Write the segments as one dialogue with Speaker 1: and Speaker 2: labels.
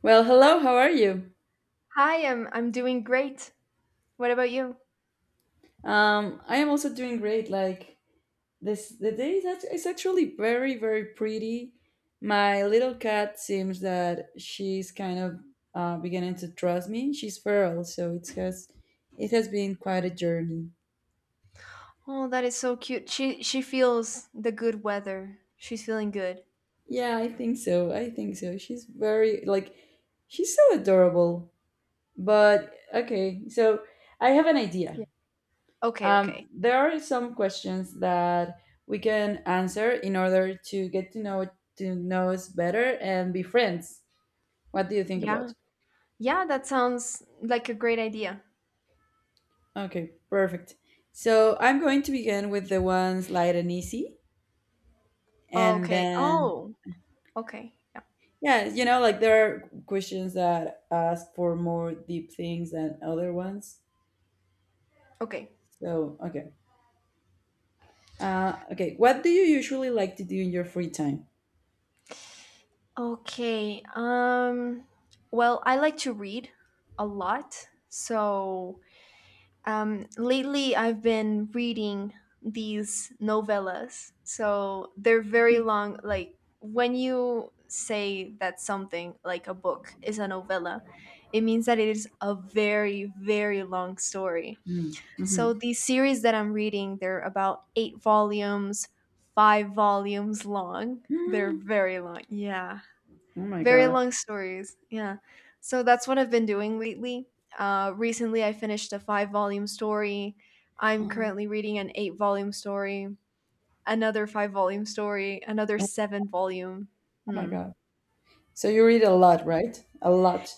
Speaker 1: Well, hello.
Speaker 2: Hi.
Speaker 1: How are you?
Speaker 2: Hi, I'm doing great. What about you?
Speaker 1: I am also doing great. Like this, the day is actually very, very pretty. My little cat seems that she's kind of beginning to trust me. She's feral, so it has been quite a journey.
Speaker 2: Oh, that is so cute. She feels the good weather. She's feeling good.
Speaker 1: Yeah, I think so. I think so. She's very like she's so adorable. But okay, so I have an
Speaker 2: Yeah.
Speaker 1: idea.
Speaker 2: Okay, okay.
Speaker 1: There are some questions that we can answer in order to get to know us better and be friends. What do you think
Speaker 2: Yeah.
Speaker 1: about?
Speaker 2: Yeah, that sounds like a great idea.
Speaker 1: Okay, perfect. So I'm going to begin with the ones light and easy, and
Speaker 2: Okay.
Speaker 1: then
Speaker 2: Oh, okay. Yeah.
Speaker 1: yeah, like there are questions that ask for more deep things than other ones.
Speaker 2: Okay.
Speaker 1: So okay, okay, what do you usually like to do in your free time?
Speaker 2: Okay. Well, I like to read a lot. So, lately, I've been reading these novellas. So they're very long. Like when you say that something like a book is a novella, it means that it is a very, very long story.
Speaker 1: Mm,
Speaker 2: So
Speaker 1: mhm.
Speaker 2: these series that I'm reading, they're about eight volumes, five volumes long. They're
Speaker 1: Mm.
Speaker 2: very long. Yeah.
Speaker 1: Oh my
Speaker 2: Very
Speaker 1: god.
Speaker 2: long stories, yeah. So that's what I've been doing lately. Recently, I finished a five volume story. I'm currently reading an eight volume story, another five volume story, another
Speaker 1: Oh
Speaker 2: seven volume.
Speaker 1: oh my
Speaker 2: Hmm.
Speaker 1: god. So you read a lot, right? A lot.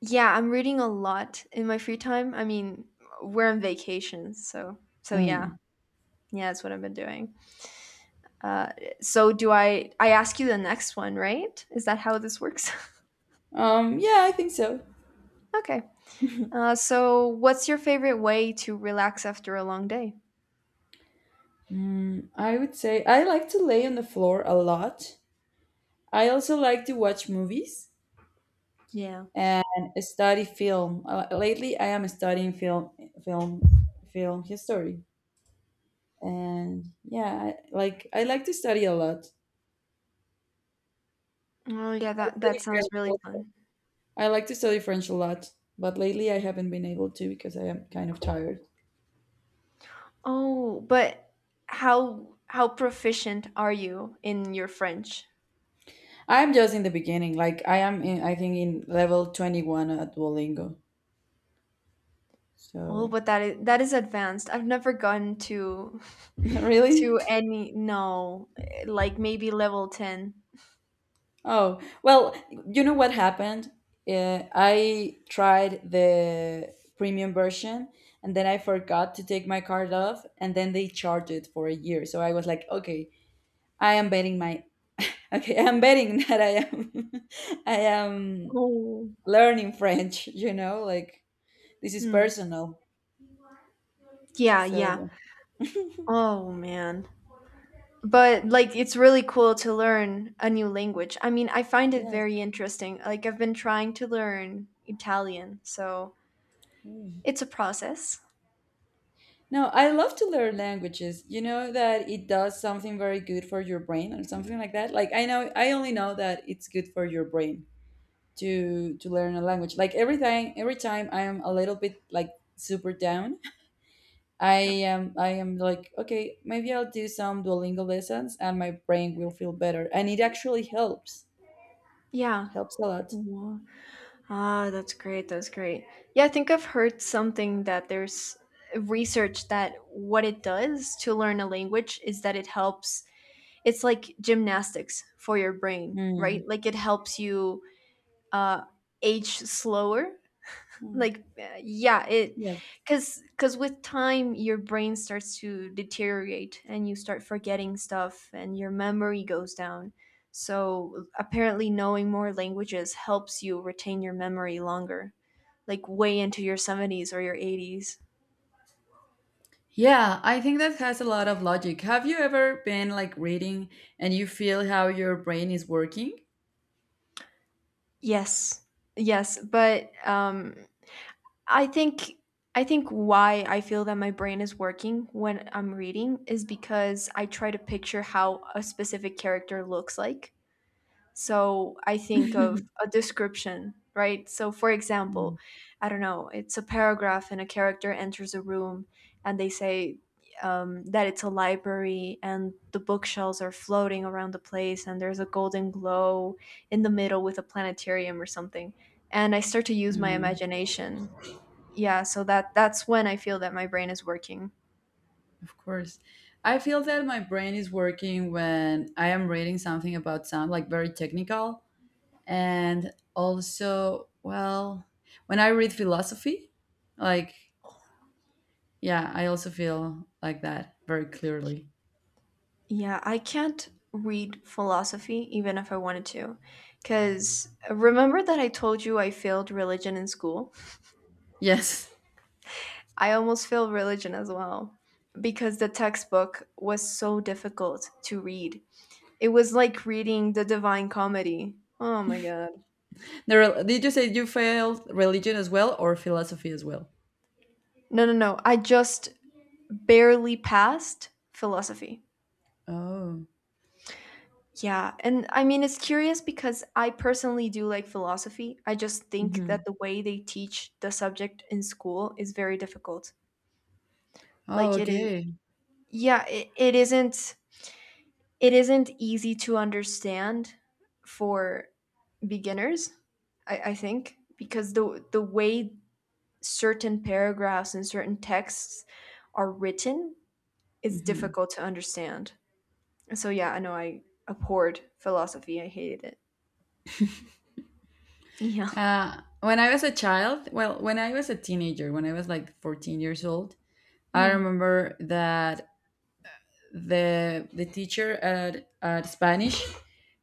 Speaker 2: Yeah, I'm reading a lot in my free time. I mean, we're on vacation, so yeah,
Speaker 1: Mm.
Speaker 2: yeah, that's what I've been doing. Uh, so do I? I ask you the next one, right? Is that how this works?
Speaker 1: Yeah, I think so.
Speaker 2: Okay. So, what's your favorite way to relax after a long day?
Speaker 1: Mm, I would say I like to lay on the floor a lot. I also like to watch movies
Speaker 2: Yeah.
Speaker 1: and study film. Lately, I am studying film, film, film history. And yeah, I like to study a lot.
Speaker 2: Oh yeah,
Speaker 1: I
Speaker 2: that
Speaker 1: study
Speaker 2: sounds
Speaker 1: French
Speaker 2: really
Speaker 1: also.
Speaker 2: fun.
Speaker 1: I like to study French a lot, but lately I haven't been able to because I am kind of tired.
Speaker 2: Oh, but how proficient are you in your French?
Speaker 1: I'm just in the beginning. Like I am in, I think, in level 21 at Duolingo.
Speaker 2: Oh,
Speaker 1: So
Speaker 2: but that is advanced. I've never gotten to
Speaker 1: really?
Speaker 2: to any, no, like maybe level 10.
Speaker 1: Oh, well, you know what happened. I tried the premium version, and then I forgot to take my card off, and then they charged it for a year, so I was like, okay, I am betting my okay, I'm betting that I am I am
Speaker 2: Oh.
Speaker 1: learning French, you know, like this is
Speaker 2: Hmm.
Speaker 1: personal.
Speaker 2: Yeah, yeah.
Speaker 1: So yes.
Speaker 2: Oh man. But like it's really cool to learn a new language. I mean, I find it very interesting. Like I've been trying to learn Italian, so
Speaker 1: Mm.
Speaker 2: it's a process.
Speaker 1: No, I love to learn languages. You know that it does something very good for your brain or something like that. Like I know, I only know that it's good for your brain to learn a language. Like every time I am a little bit like super down,
Speaker 2: Yeah.
Speaker 1: I am like, okay, maybe I'll do some Duolingo lessons and my brain will feel better. And it actually helps.
Speaker 2: Yeah.
Speaker 1: Helps a lot.
Speaker 2: Wow. Ah, that's great. That's great. Yeah, I think I've heard something that there's research that what it does to learn a language is that it helps. It's like gymnastics for your brain, right?
Speaker 1: Mm.
Speaker 2: Like it helps you uh, age slower,
Speaker 1: Mm.
Speaker 2: like yeah, it
Speaker 1: Yes.
Speaker 2: because with time your brain starts to deteriorate and you start forgetting stuff and your memory goes down. So apparently knowing more languages helps you retain your memory longer, like way into your 70s or your 80s.
Speaker 1: Yeah, I think that has a lot of logic. Have you ever been like reading and you feel how your brain is working?
Speaker 2: Yes, yes, but i think I think why I feel that my brain is working when I'm reading is because I try to picture how a specific character looks like. So I think of a description, right? So, for example,
Speaker 1: Mm,
Speaker 2: I don't know, it's a paragraph and a character enters a room and they say that it's a library and the bookshelves are floating around the place and there's a golden glow in the middle with a planetarium or something. And I start to use my
Speaker 1: mm,
Speaker 2: imagination. Yeah, so that's when I feel that my brain is working.
Speaker 1: of course. I feel that my brain is working when I am reading something about sound, like very technical. And also, well, when I read philosophy, like, yeah, I also feel like that very clearly.
Speaker 2: Yeah, I can't read philosophy even if I wanted to. Because remember that I told you I failed religion in school?
Speaker 1: Yes.
Speaker 2: I almost failed religion as well because the textbook was so difficult to read. It was like reading the Divine Comedy. Oh my God.
Speaker 1: Did you say you failed religion as well or philosophy as well?
Speaker 2: No, no, no. I just barely passed philosophy.
Speaker 1: Oh.
Speaker 2: Yeah, and I mean it's curious because I personally do like philosophy. I just think
Speaker 1: Hmm.
Speaker 2: that the way they teach the subject in school is very difficult.
Speaker 1: Oh,
Speaker 2: Like it is.
Speaker 1: okay.
Speaker 2: Yeah, it isn't easy to understand for beginners, I think, because the way certain paragraphs and certain texts are written is
Speaker 1: Hmm.
Speaker 2: difficult to understand. So yeah, I know I abhorred philosophy. I hated it. Yeah.
Speaker 1: When I was a child, well, when I was a teenager, when I was like 14 years old, I
Speaker 2: Hmm.
Speaker 1: remember that the teacher at Spanish,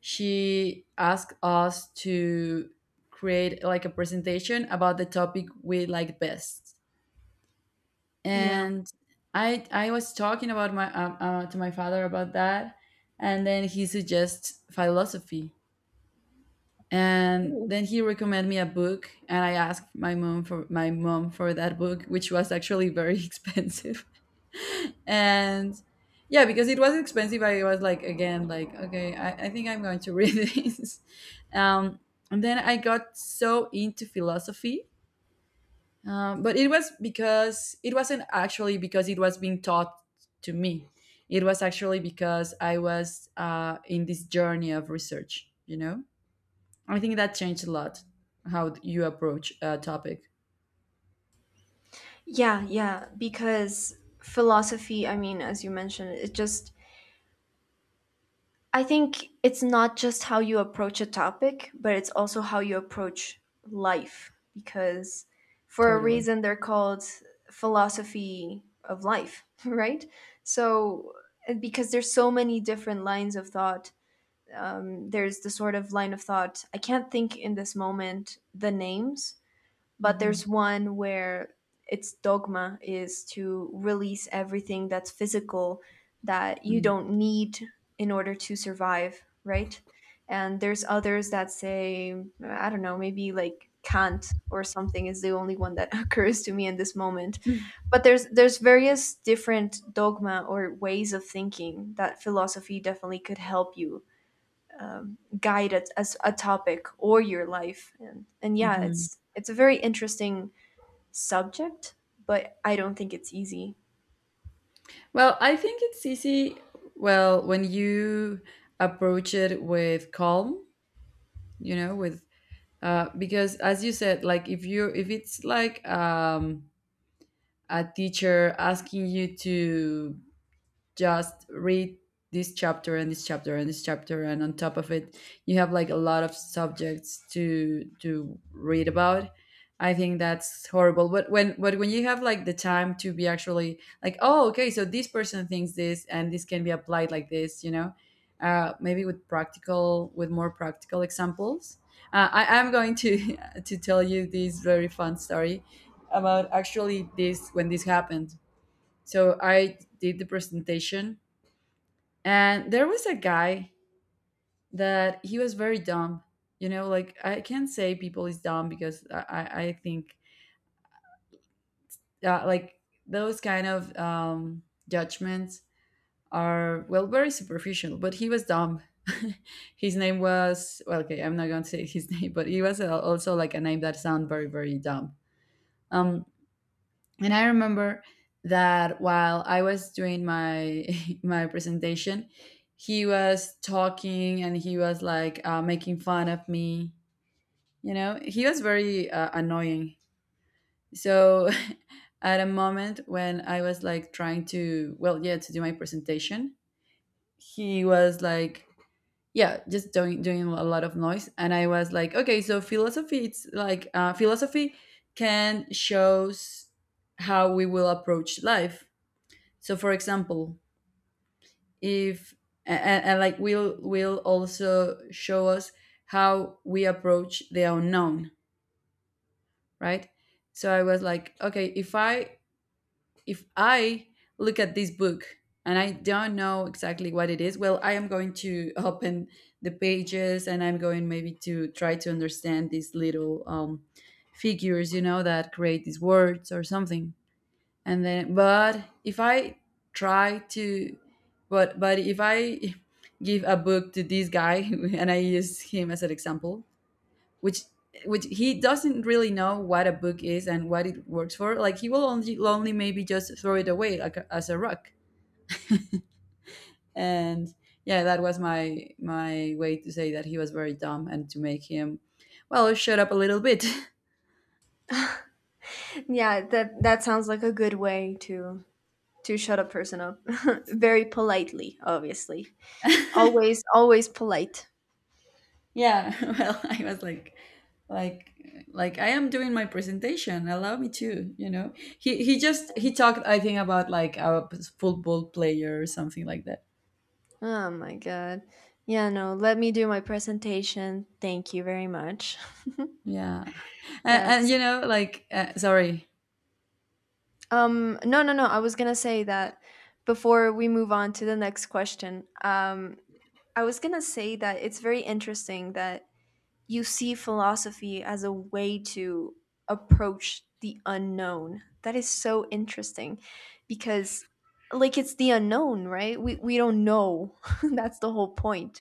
Speaker 1: she asked us to create like a presentation about the topic we like best,
Speaker 2: Yeah.
Speaker 1: and I was talking about my to my father about that, and then he suggests philosophy, and then
Speaker 2: Mm.
Speaker 1: he recommended me a book, and I asked my mom for that book, which was actually very expensive. And yeah, because it was expensive, I was like, again, like, okay, I think I'm going to read this. um, and then I got so into philosophy. But it was because it wasn't actually because it was being taught to me, it was actually because I was in this journey of research, you know. I think that changed a lot how you approach a topic.
Speaker 2: Yeah, yeah, because philosophy, I mean, as you mentioned, it just, I think it's not just how you approach a topic, but it's also how you approach life, because for a
Speaker 1: Totally.
Speaker 2: reason they're called philosophy of life, right? So, and because there's so many different lines of thought, there's the sort of line of thought, I can't think in this moment the names, but
Speaker 1: Hmm.
Speaker 2: there's one where its dogma is to release everything that's physical that you don't need in order to survive, right? And there's others that say, I don't know, maybe like Kant or something is the only one that occurs to me in this moment. But there's various different dogma or ways of thinking that philosophy definitely could help you guide a topic or your life, and yeah,
Speaker 1: Hmm.
Speaker 2: it's a very interesting subject, but I don't think it's easy.
Speaker 1: Well, I think it's easy. Well, when you approach it with calm, you know, with because as you said, like if you, if it's like a teacher asking you to just read this chapter and this chapter and this chapter, and on top of it you have like a lot of subjects to read about, I think that's horrible. But when you have like the time to be actually like, oh okay, so this person thinks this and this can be applied like this, you know. Maybe with practical, with more practical examples. I am going to to tell you this very fun story about actually this when this happened. So I did the presentation, and there was a guy that he was very dumb. You know, like I can't say people is dumb because I think like those kind of judgments are, well, very superficial. But he was dumb. His name was, well, okay, I'm not going to say his name, but he was also like a name that sound very very dumb. Um, and I remember that while I was doing my my presentation, he was talking and he was like making fun of me, you know, he was very annoying. So at a moment when I was like trying to, well, yeah, to do my presentation, he was like, yeah, just doing a lot of noise, and I was like, okay, so philosophy, it's like, philosophy can shows how we will approach life. So, for example, if and like will also show us how we approach the unknown, right? So I was like, okay, if I look at this book and I don't know exactly what it is, well, I am going to open the pages, and I'm going maybe to try to understand these little figures, you know, that create these words or something. And then but if I try to but if I give a book to this guy and I use him as an example, which he doesn't really know what a book is and what it works for, like he will only maybe just throw it away like as a rock. And yeah, that was my my way to say that he was very dumb and to make him, well, shut up a little bit.
Speaker 2: Yeah, that sounds like a good way to shut a person up. Very politely, obviously. Always, always polite.
Speaker 1: Yeah, well, I was like, like, like, I am doing my presentation. Allow me to, you know. He just he talked, I think, about like a football player or something like that.
Speaker 2: Oh my god. Yeah, no, let me do my presentation, thank you very much.
Speaker 1: Yeah, and
Speaker 2: Yes.
Speaker 1: you know, like, sorry.
Speaker 2: No, no, no, I was gonna say that before we move on to the next question, I was going to say that it's very interesting that you see philosophy as a way to approach the unknown. That is so interesting, because like it's the unknown, right? We don't know. That's the whole point.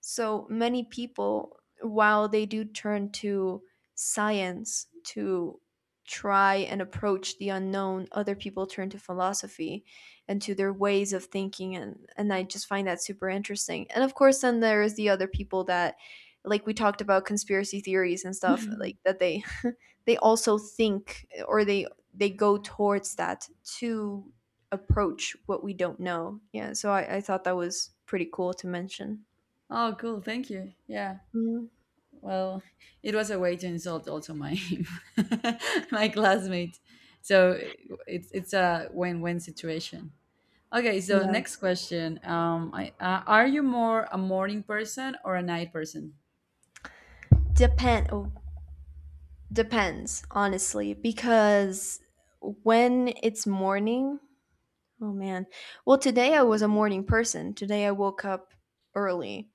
Speaker 2: So many people, while they do turn to science to try and approach the unknown, other people turn to philosophy and to their ways of thinking. And, I just find that super interesting. And of course, then there is the other people that like we talked about conspiracy theories and stuff like that they they also think, or they go towards that to approach what we don't know, yeah. So I thought that was pretty cool to mention.
Speaker 1: Oh, cool. Thank you. Yeah.
Speaker 2: Mhm.
Speaker 1: Well, it was a way to insult also my my classmate. So it's a win-win situation. Okay, so
Speaker 2: Yeah.
Speaker 1: next question. Are you more a morning person or a night person?
Speaker 2: Depend oh, depends, honestly, because when it's morning, oh man. Well, today I was a morning person. Today I woke up early.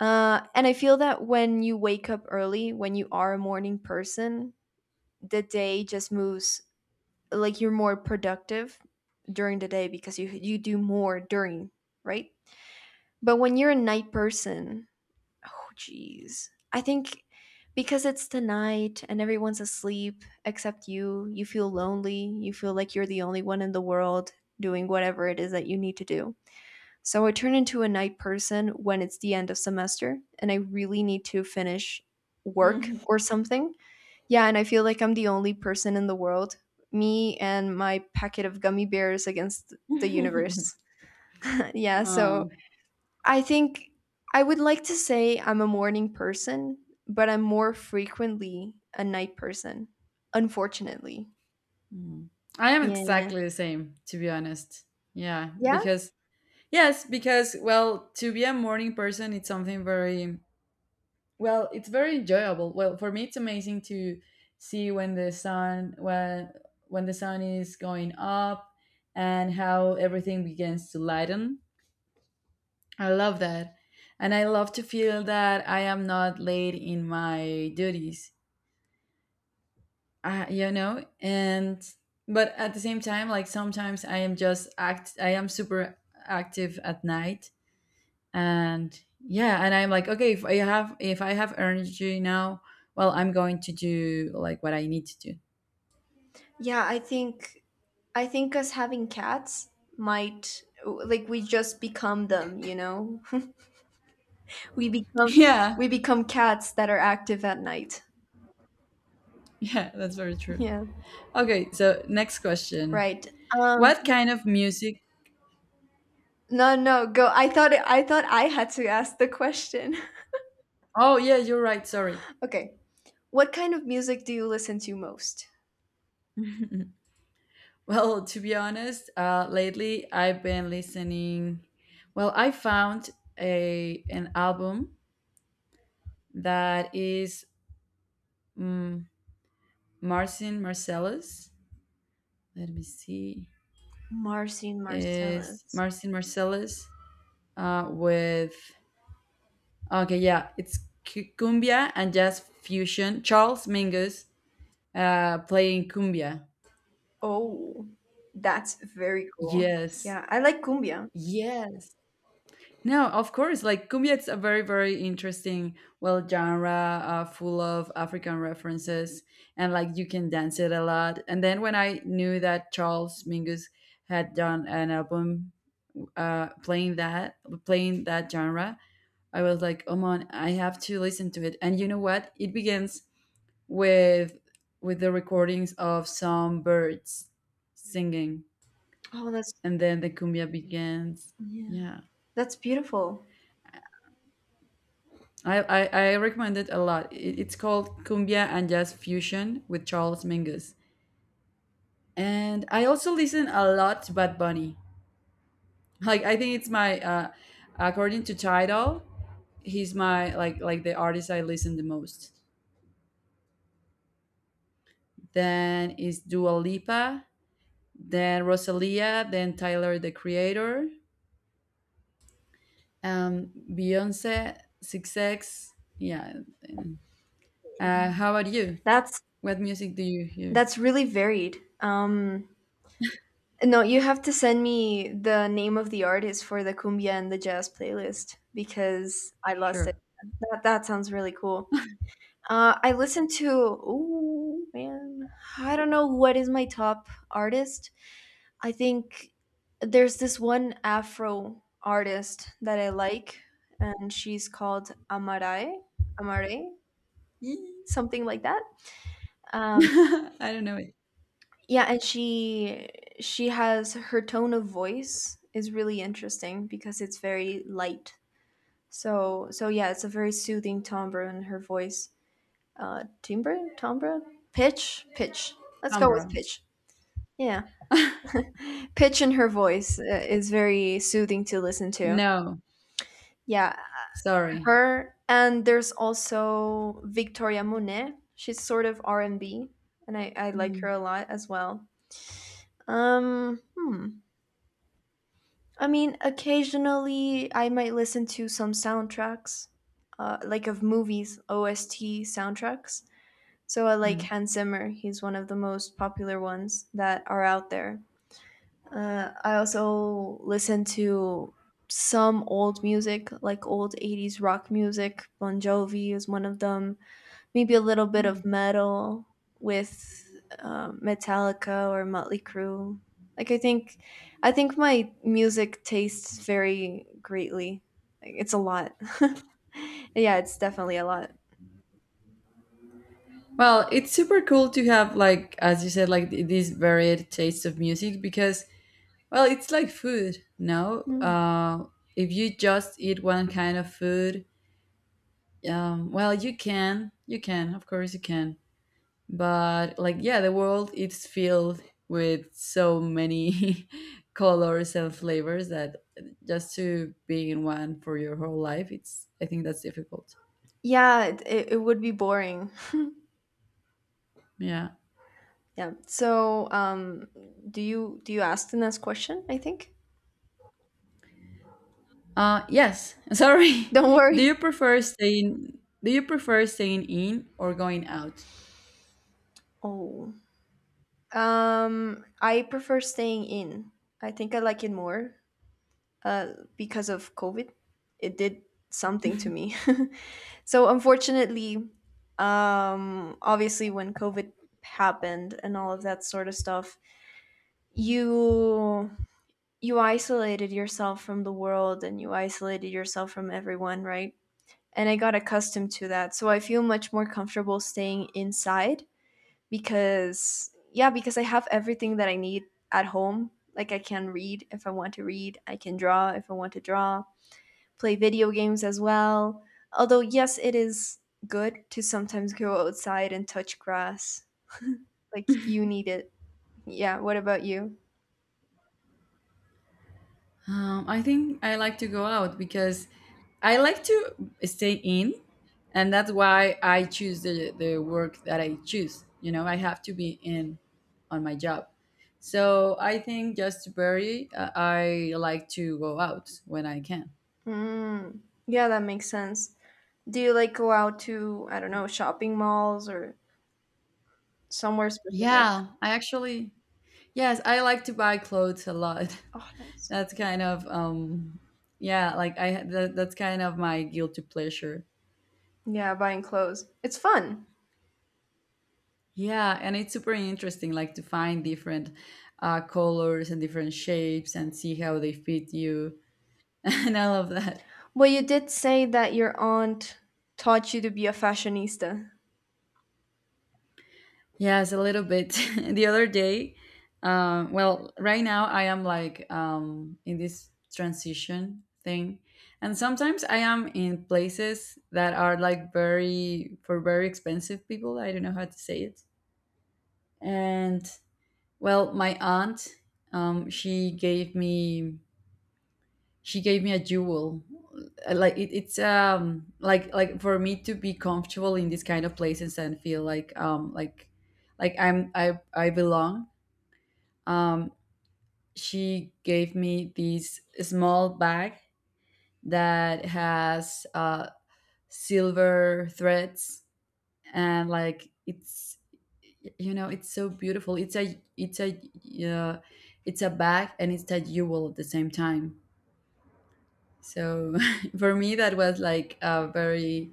Speaker 2: And I feel that when you wake up early, when you are a morning person, the day just moves, like you're more productive during the day because you do more during, right? But when you're a night person, oh, jeez. I think because it's the night and everyone's asleep except you, you feel lonely. You feel like you're the only one in the world doing whatever it is that you need to do. So I turn into a night person when it's the end of semester and I really need to finish work
Speaker 1: Mhm.
Speaker 2: or something. Yeah, and I feel like I'm the only person in the world. Me and my packet of gummy bears against the universe. Yeah, so
Speaker 1: Oh,
Speaker 2: I think I would like to say I'm a morning person, but I'm more frequently a night person, unfortunately.
Speaker 1: mm. I am
Speaker 2: Yeah.
Speaker 1: exactly the same, to be honest. Yeah,
Speaker 2: Yeah?
Speaker 1: because yes, because, well, to be a morning person, it's something very, well, it's very enjoyable. Well, for me, it's amazing to see when the sun is going up and how everything begins to lighten. I love that. And I love to feel that I am not late in my duties, you know? And, but at the same time, like sometimes I am super active at night. And yeah, and I'm like, okay, if I have energy now, well, I'm going to do like what I need to do.
Speaker 2: Yeah, I think us having cats might, like, we just become them. we become
Speaker 1: Yeah.
Speaker 2: we become cats that are active at night.
Speaker 1: Yeah. That's very true.
Speaker 2: Yeah.
Speaker 1: Okay. So next question.
Speaker 2: Right.
Speaker 1: What
Speaker 2: Um
Speaker 1: kind of music?
Speaker 2: no, no, go. I thought I had to ask the question.
Speaker 1: Oh, yeah, you're right. Sorry.
Speaker 2: Okay. What kind of music do you listen to most?
Speaker 1: Well, to be honest, lately I've been listening. Well, I found a an album that is um, Marcin Marcellus. Let me see.
Speaker 2: Marcin
Speaker 1: Is
Speaker 2: Marcellus.
Speaker 1: Marcin Marcellus with? Okay, yeah, it's cumbia and jazz fusion. Charles Mingus playing cumbia.
Speaker 2: Oh, that's very cool.
Speaker 1: Yes,
Speaker 2: Yeah, I like cumbia.
Speaker 1: yes. No, of course. Like cumbia, it's a very, very interesting, well, genre, full of African references, and like you can dance it a lot. And then when I knew that Charles Mingus had done an album uh, playing that, playing that genre, I was like, oh man, I have to listen to it. And you know what? It begins with with the recordings of some birds singing,
Speaker 2: Oh, that's
Speaker 1: and then the cumbia begins.
Speaker 2: yeah,
Speaker 1: Yeah.
Speaker 2: that's beautiful.
Speaker 1: I recommend it a lot. It's called Cumbia and Jazz Fusion with Charles Mingus. And I also listen a lot to Bad Bunny. Like I think it's my according to Tidal, he's my like the artist I listen the most. Then is Dua Lipa, then Rosalia, then Tyler the Creator, Beyonce, Six X. Yeah. How about you?
Speaker 2: That's
Speaker 1: What music do you hear?
Speaker 2: that's really varied. No, you have to send me the name of the artist for the cumbia and the jazz playlist because I lost it.
Speaker 1: Sure.
Speaker 2: That sounds really cool. I listen to, oh man, I don't know what is my top artist. I think there's this one Afro artist that I like, and she's called Amare, Amare, Yee, something like that. Um,
Speaker 1: I don't know.
Speaker 2: yeah, and she has, her tone of voice is really interesting because it's very light. So yeah, it's a very soothing timbre in her voice. Timbre, timbre, pitch, pitch. Let's go with
Speaker 1: Canberra.
Speaker 2: pitch. Yeah, pitch in her voice is very soothing to listen to.
Speaker 1: No,
Speaker 2: Yeah,
Speaker 1: sorry.
Speaker 2: her, and there's also Victoria Monet, she's sort of R&B and B, and I like her
Speaker 1: Mm,
Speaker 2: a lot as well. um hmm. I mean, occasionally I might listen to some soundtracks, like of movies, OST soundtracks, so I like
Speaker 1: Mm.
Speaker 2: Hans Zimmer, he's one of the most popular ones that are out there. I also listen to some old music, like old 80s rock music, Bon Jovi is one of them. Maybe a little bit
Speaker 1: Mm.
Speaker 2: of metal with Metallica or Motley Crue. Like I think my music tastes vary greatly. Like, it's a lot. Yeah, it's definitely a lot.
Speaker 1: Well, it's super cool to have like, as you said, like these varied tastes of music because, well, it's like food, no?
Speaker 2: Mm.
Speaker 1: Uh, if you just eat one kind of food, well, you can. You can, of course you can. But yeah, the world it's filled with so many colors and flavors that just to be in one for your whole life, it's I think that's difficult.
Speaker 2: Yeah, it would be boring.
Speaker 1: Yeah.
Speaker 2: Yeah. So, do you ask the next question? I think.
Speaker 1: Yes. Sorry.
Speaker 2: Don't
Speaker 1: Do
Speaker 2: worry.
Speaker 1: you prefer staying? Do you prefer staying in or going out?
Speaker 2: Oh. I prefer staying in. I think I like it more uh, because of COVID. It did something to me. So unfortunately, obviously, when COVID happened and all of that sort of stuff, you you isolated yourself from the world and you isolated yourself from everyone, right? And I got accustomed to that. So I feel much more comfortable staying inside, because yeah, because I have everything that I need at home. Like, I can read if I want to read, I can draw if I want to draw, play video games as well. Although, yes, it is good to sometimes go outside and touch grass. Like, you need it. Yeah, what about you?
Speaker 1: I think I like to go out because I like to stay in, and that's why I choose the work that I choose. You know, I have to be in on my job. So I think just to vary, I like to go out when I can.
Speaker 2: Mm, yeah, that makes sense. Do you, like, go out to, I don't know, shopping malls or somewhere specific?
Speaker 1: Yeah, I actually yes, I like to buy clothes a lot.
Speaker 2: Oh, nice.
Speaker 1: That's kind of yeah, that's kind of my guilty pleasure.
Speaker 2: Yeah, buying clothes. It's fun.
Speaker 1: Yeah, and it's super interesting like to find different colors and different shapes and see how they fit you and all of that.
Speaker 2: Well, you did say that your aunt taught you to be a fashionista.
Speaker 1: Yes, a little bit. The other day, well, right now I am in this transition thing, and sometimes I am in places that are like very for very expensive people. I don't know how to say it. And well, my aunt, she gave me a jewel. Like it's like for me to be comfortable in these kind of places and feel like I'm I belong. Um, she gave me this small bag that has silver threads, and like it's, you know, it's so beautiful. It's a uh, it's a bag and it's a jewel at the same time, so for me that was like a very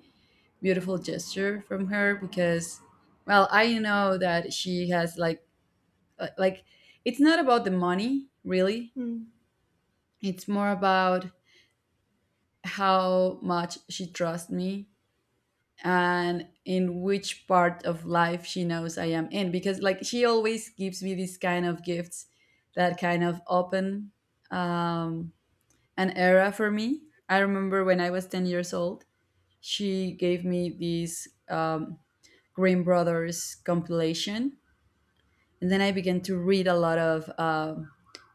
Speaker 1: beautiful gesture from her, because well I know that she has like uh, like it's not about the money really,
Speaker 2: Mm.
Speaker 1: it's more about how much she trusts me and in which part of life she knows I am in. Because like she always gives me these kind of gifts that kind of open um, an era for me. I remember when I was 10 years old, she gave me these Green Brothers compilation. And then I began to read a lot of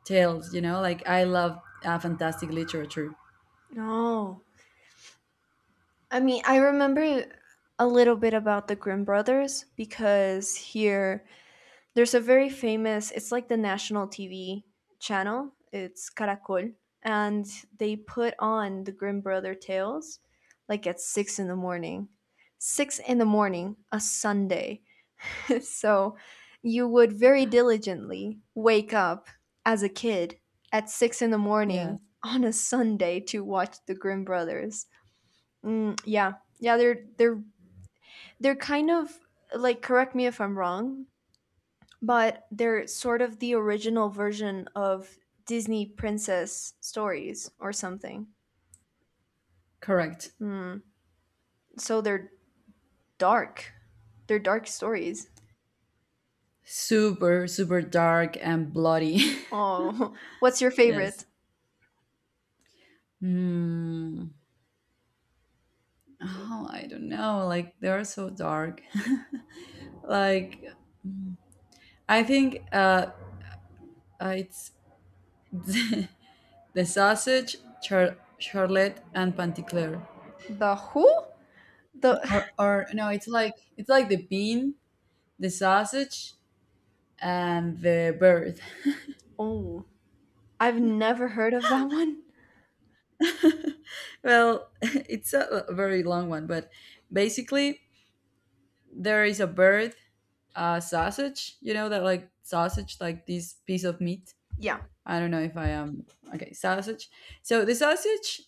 Speaker 1: tales, you know. Like I love fantastic literature.
Speaker 2: No. I mean, I remember a little bit about the Grimm brothers because here there's a very famous, it's like the national TV channel, it's Caracol, and they put on the Grimm brother tales like at 6 in the morning. 6 in the morning, a Sunday. So you would very diligently wake up as a kid at six in the
Speaker 1: Yes,
Speaker 2: morning on a Sunday to watch the Grimm brothers. Mm, yeah. Yeah, they're kind of, like, correct me if I'm wrong, but they're sort of the original version of Disney princess stories or something.
Speaker 1: correct.
Speaker 2: Mm. So they're dark. They're dark stories.
Speaker 1: Super, super dark and bloody.
Speaker 2: Oh, what's your
Speaker 1: Yes.
Speaker 2: favorite?
Speaker 1: Hmm. Oh, I don't know. Like they are so dark. Like I think it's the charlotte and panticlear.
Speaker 2: The Who? The
Speaker 1: Or no, it's like the bean, the sausage, and the bird.
Speaker 2: Oh, I've never heard of that one.
Speaker 1: Well, it's a very long one, but basically there is a bird, a sausage. You know that like sausage, like this piece of meat.
Speaker 2: Yeah.
Speaker 1: I don't know if I am okay. Sausage. So the sausage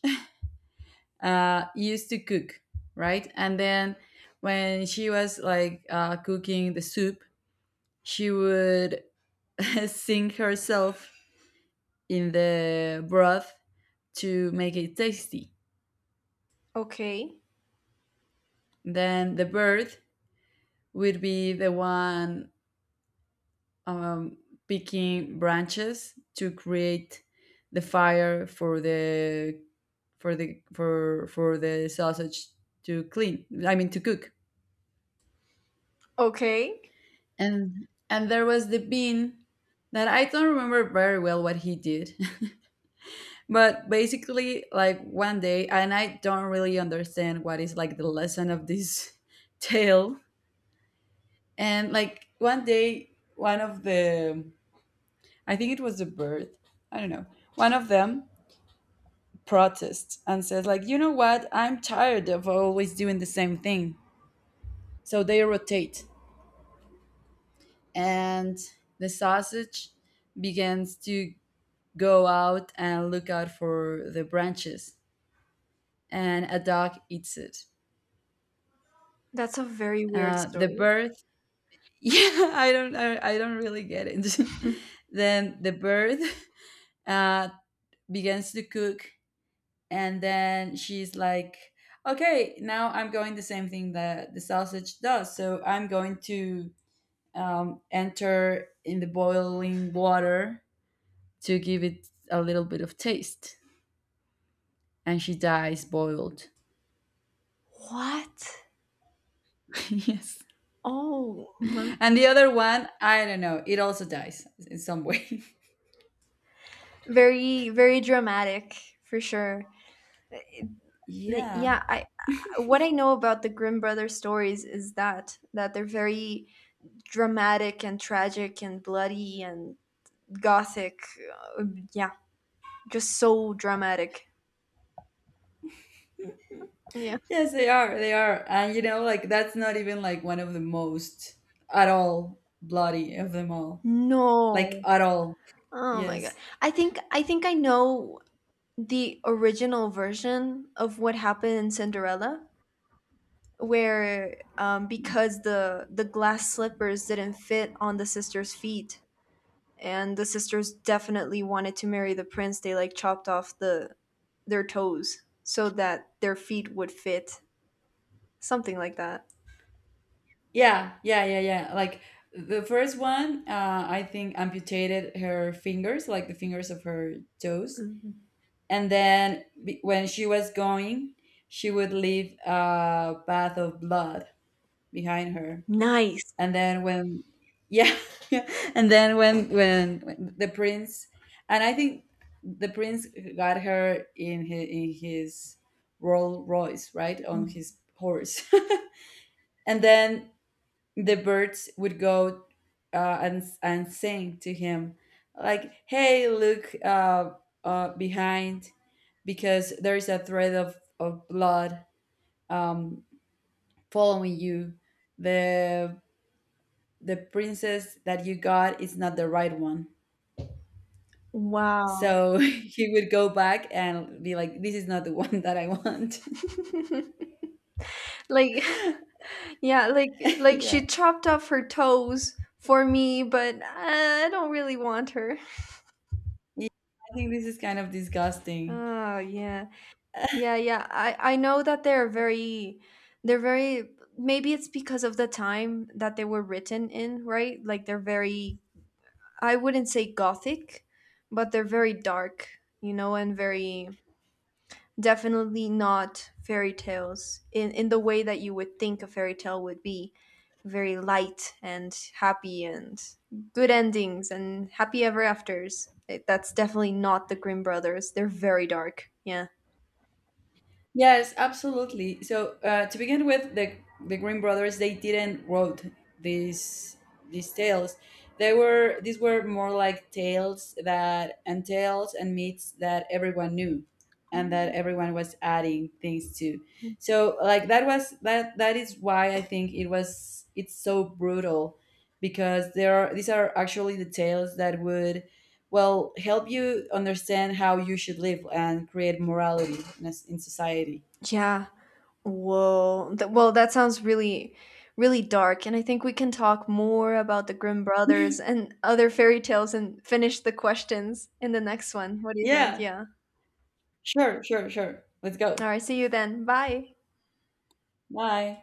Speaker 1: used to cook, right? And then when she was like cooking the soup, she would sink herself in the broth to make it tasty.
Speaker 2: Okay.
Speaker 1: Then the bird would be the one um, picking branches to create the fire for the for the for the sausage to clean. I mean to cook.
Speaker 2: Okay.
Speaker 1: And there was the bean that I don't remember very well what he did. But basically like one day, and I don't really understand what is like the lesson of this tale. And like one day, one of the, I think it was a bird, I don't know, one of them protests and says like, you know what, I'm tired of always doing the same thing. So they rotate, and the sausage begins to go out and look out for the branches, and a dog eats it.
Speaker 2: That's a very weird
Speaker 1: The
Speaker 2: story.
Speaker 1: bird, yeah, I don't really get it. Then the bird uh, begins to cook, and then she's like, okay, now I'm going the same thing that the sausage does, so I'm going to enter in the boiling water to give it a little bit of taste, and she dies boiled.
Speaker 2: What?
Speaker 1: Yes.
Speaker 2: Oh, my
Speaker 1: And the other one I don't know, it also dies in some way.
Speaker 2: Very, very dramatic, for sure.
Speaker 1: Yeah.
Speaker 2: Yeah, I what I know about the Grimm brothers stories is that they're very dramatic and tragic and bloody and gothic. Uh, yeah, just so dramatic. Yeah.
Speaker 1: Yes they are, they are. And you know, like, that's not even like one of the most at all bloody of them all. Like
Speaker 2: No.
Speaker 1: at all.
Speaker 2: Oh my god.
Speaker 1: Yes.
Speaker 2: I think I know the original version of what happened in Cinderella, where because the glass slippers didn't fit on the sister's feet and the sisters definitely wanted to marry the prince, they like chopped off their toes so that their feet would fit, something like that.
Speaker 1: Yeah, yeah, yeah, yeah. Like, the first one I think amputated her fingers, like the fingers of her toes,
Speaker 2: Mhm.
Speaker 1: and then when she was going, she would leave a bath of blood behind her.
Speaker 2: Nice.
Speaker 1: And then when, yeah, and then when when the prince, and I think the prince got her in in his Rolls Royce, right, on his horse, and then the birds would go and sing to him, like, "Hey, look, behind, because there is a thread of blood um, following you. the The princess that you got is not the right one."
Speaker 2: Wow.
Speaker 1: So he would go back and be like, "This is not the one that I want."
Speaker 2: Like, yeah, like like
Speaker 1: Yeah,
Speaker 2: she chopped off her toes for me, but I don't really want her.
Speaker 1: yeah. I think this is kind of disgusting.
Speaker 2: Oh, yeah. Yeah, yeah. I know that they're very maybe it's because of the time that they were written in, right? Like, they're very, I wouldn't say gothic, but they're very dark, you know, and very definitely not fairy tales in the way that you would think a fairy tale would be, very light and happy and good endings and happy ever afters. That's definitely not the Grimm brothers. They're very dark. Yeah.
Speaker 1: Yes, absolutely. So to begin with, the Green brothers, they didn't wrote these these tales. They were, these were more like tales that and tales and myths that everyone knew, and that
Speaker 2: Mm.
Speaker 1: everyone was adding things to. So like that was that is why I think it was, it's so brutal, because there are, these are actually the tales that would well help you understand how you should live and create morality in, a s in society.
Speaker 2: Yeah, whoa. Well, that sounds really, really dark. And I think we can talk more about the Grimm brothers and other fairy tales and finish the questions in the next one. What do you think?
Speaker 1: Yeah,
Speaker 2: Yeah.
Speaker 1: sure, sure, sure, let's go.
Speaker 2: All right. See you then. Bye.
Speaker 1: Bye.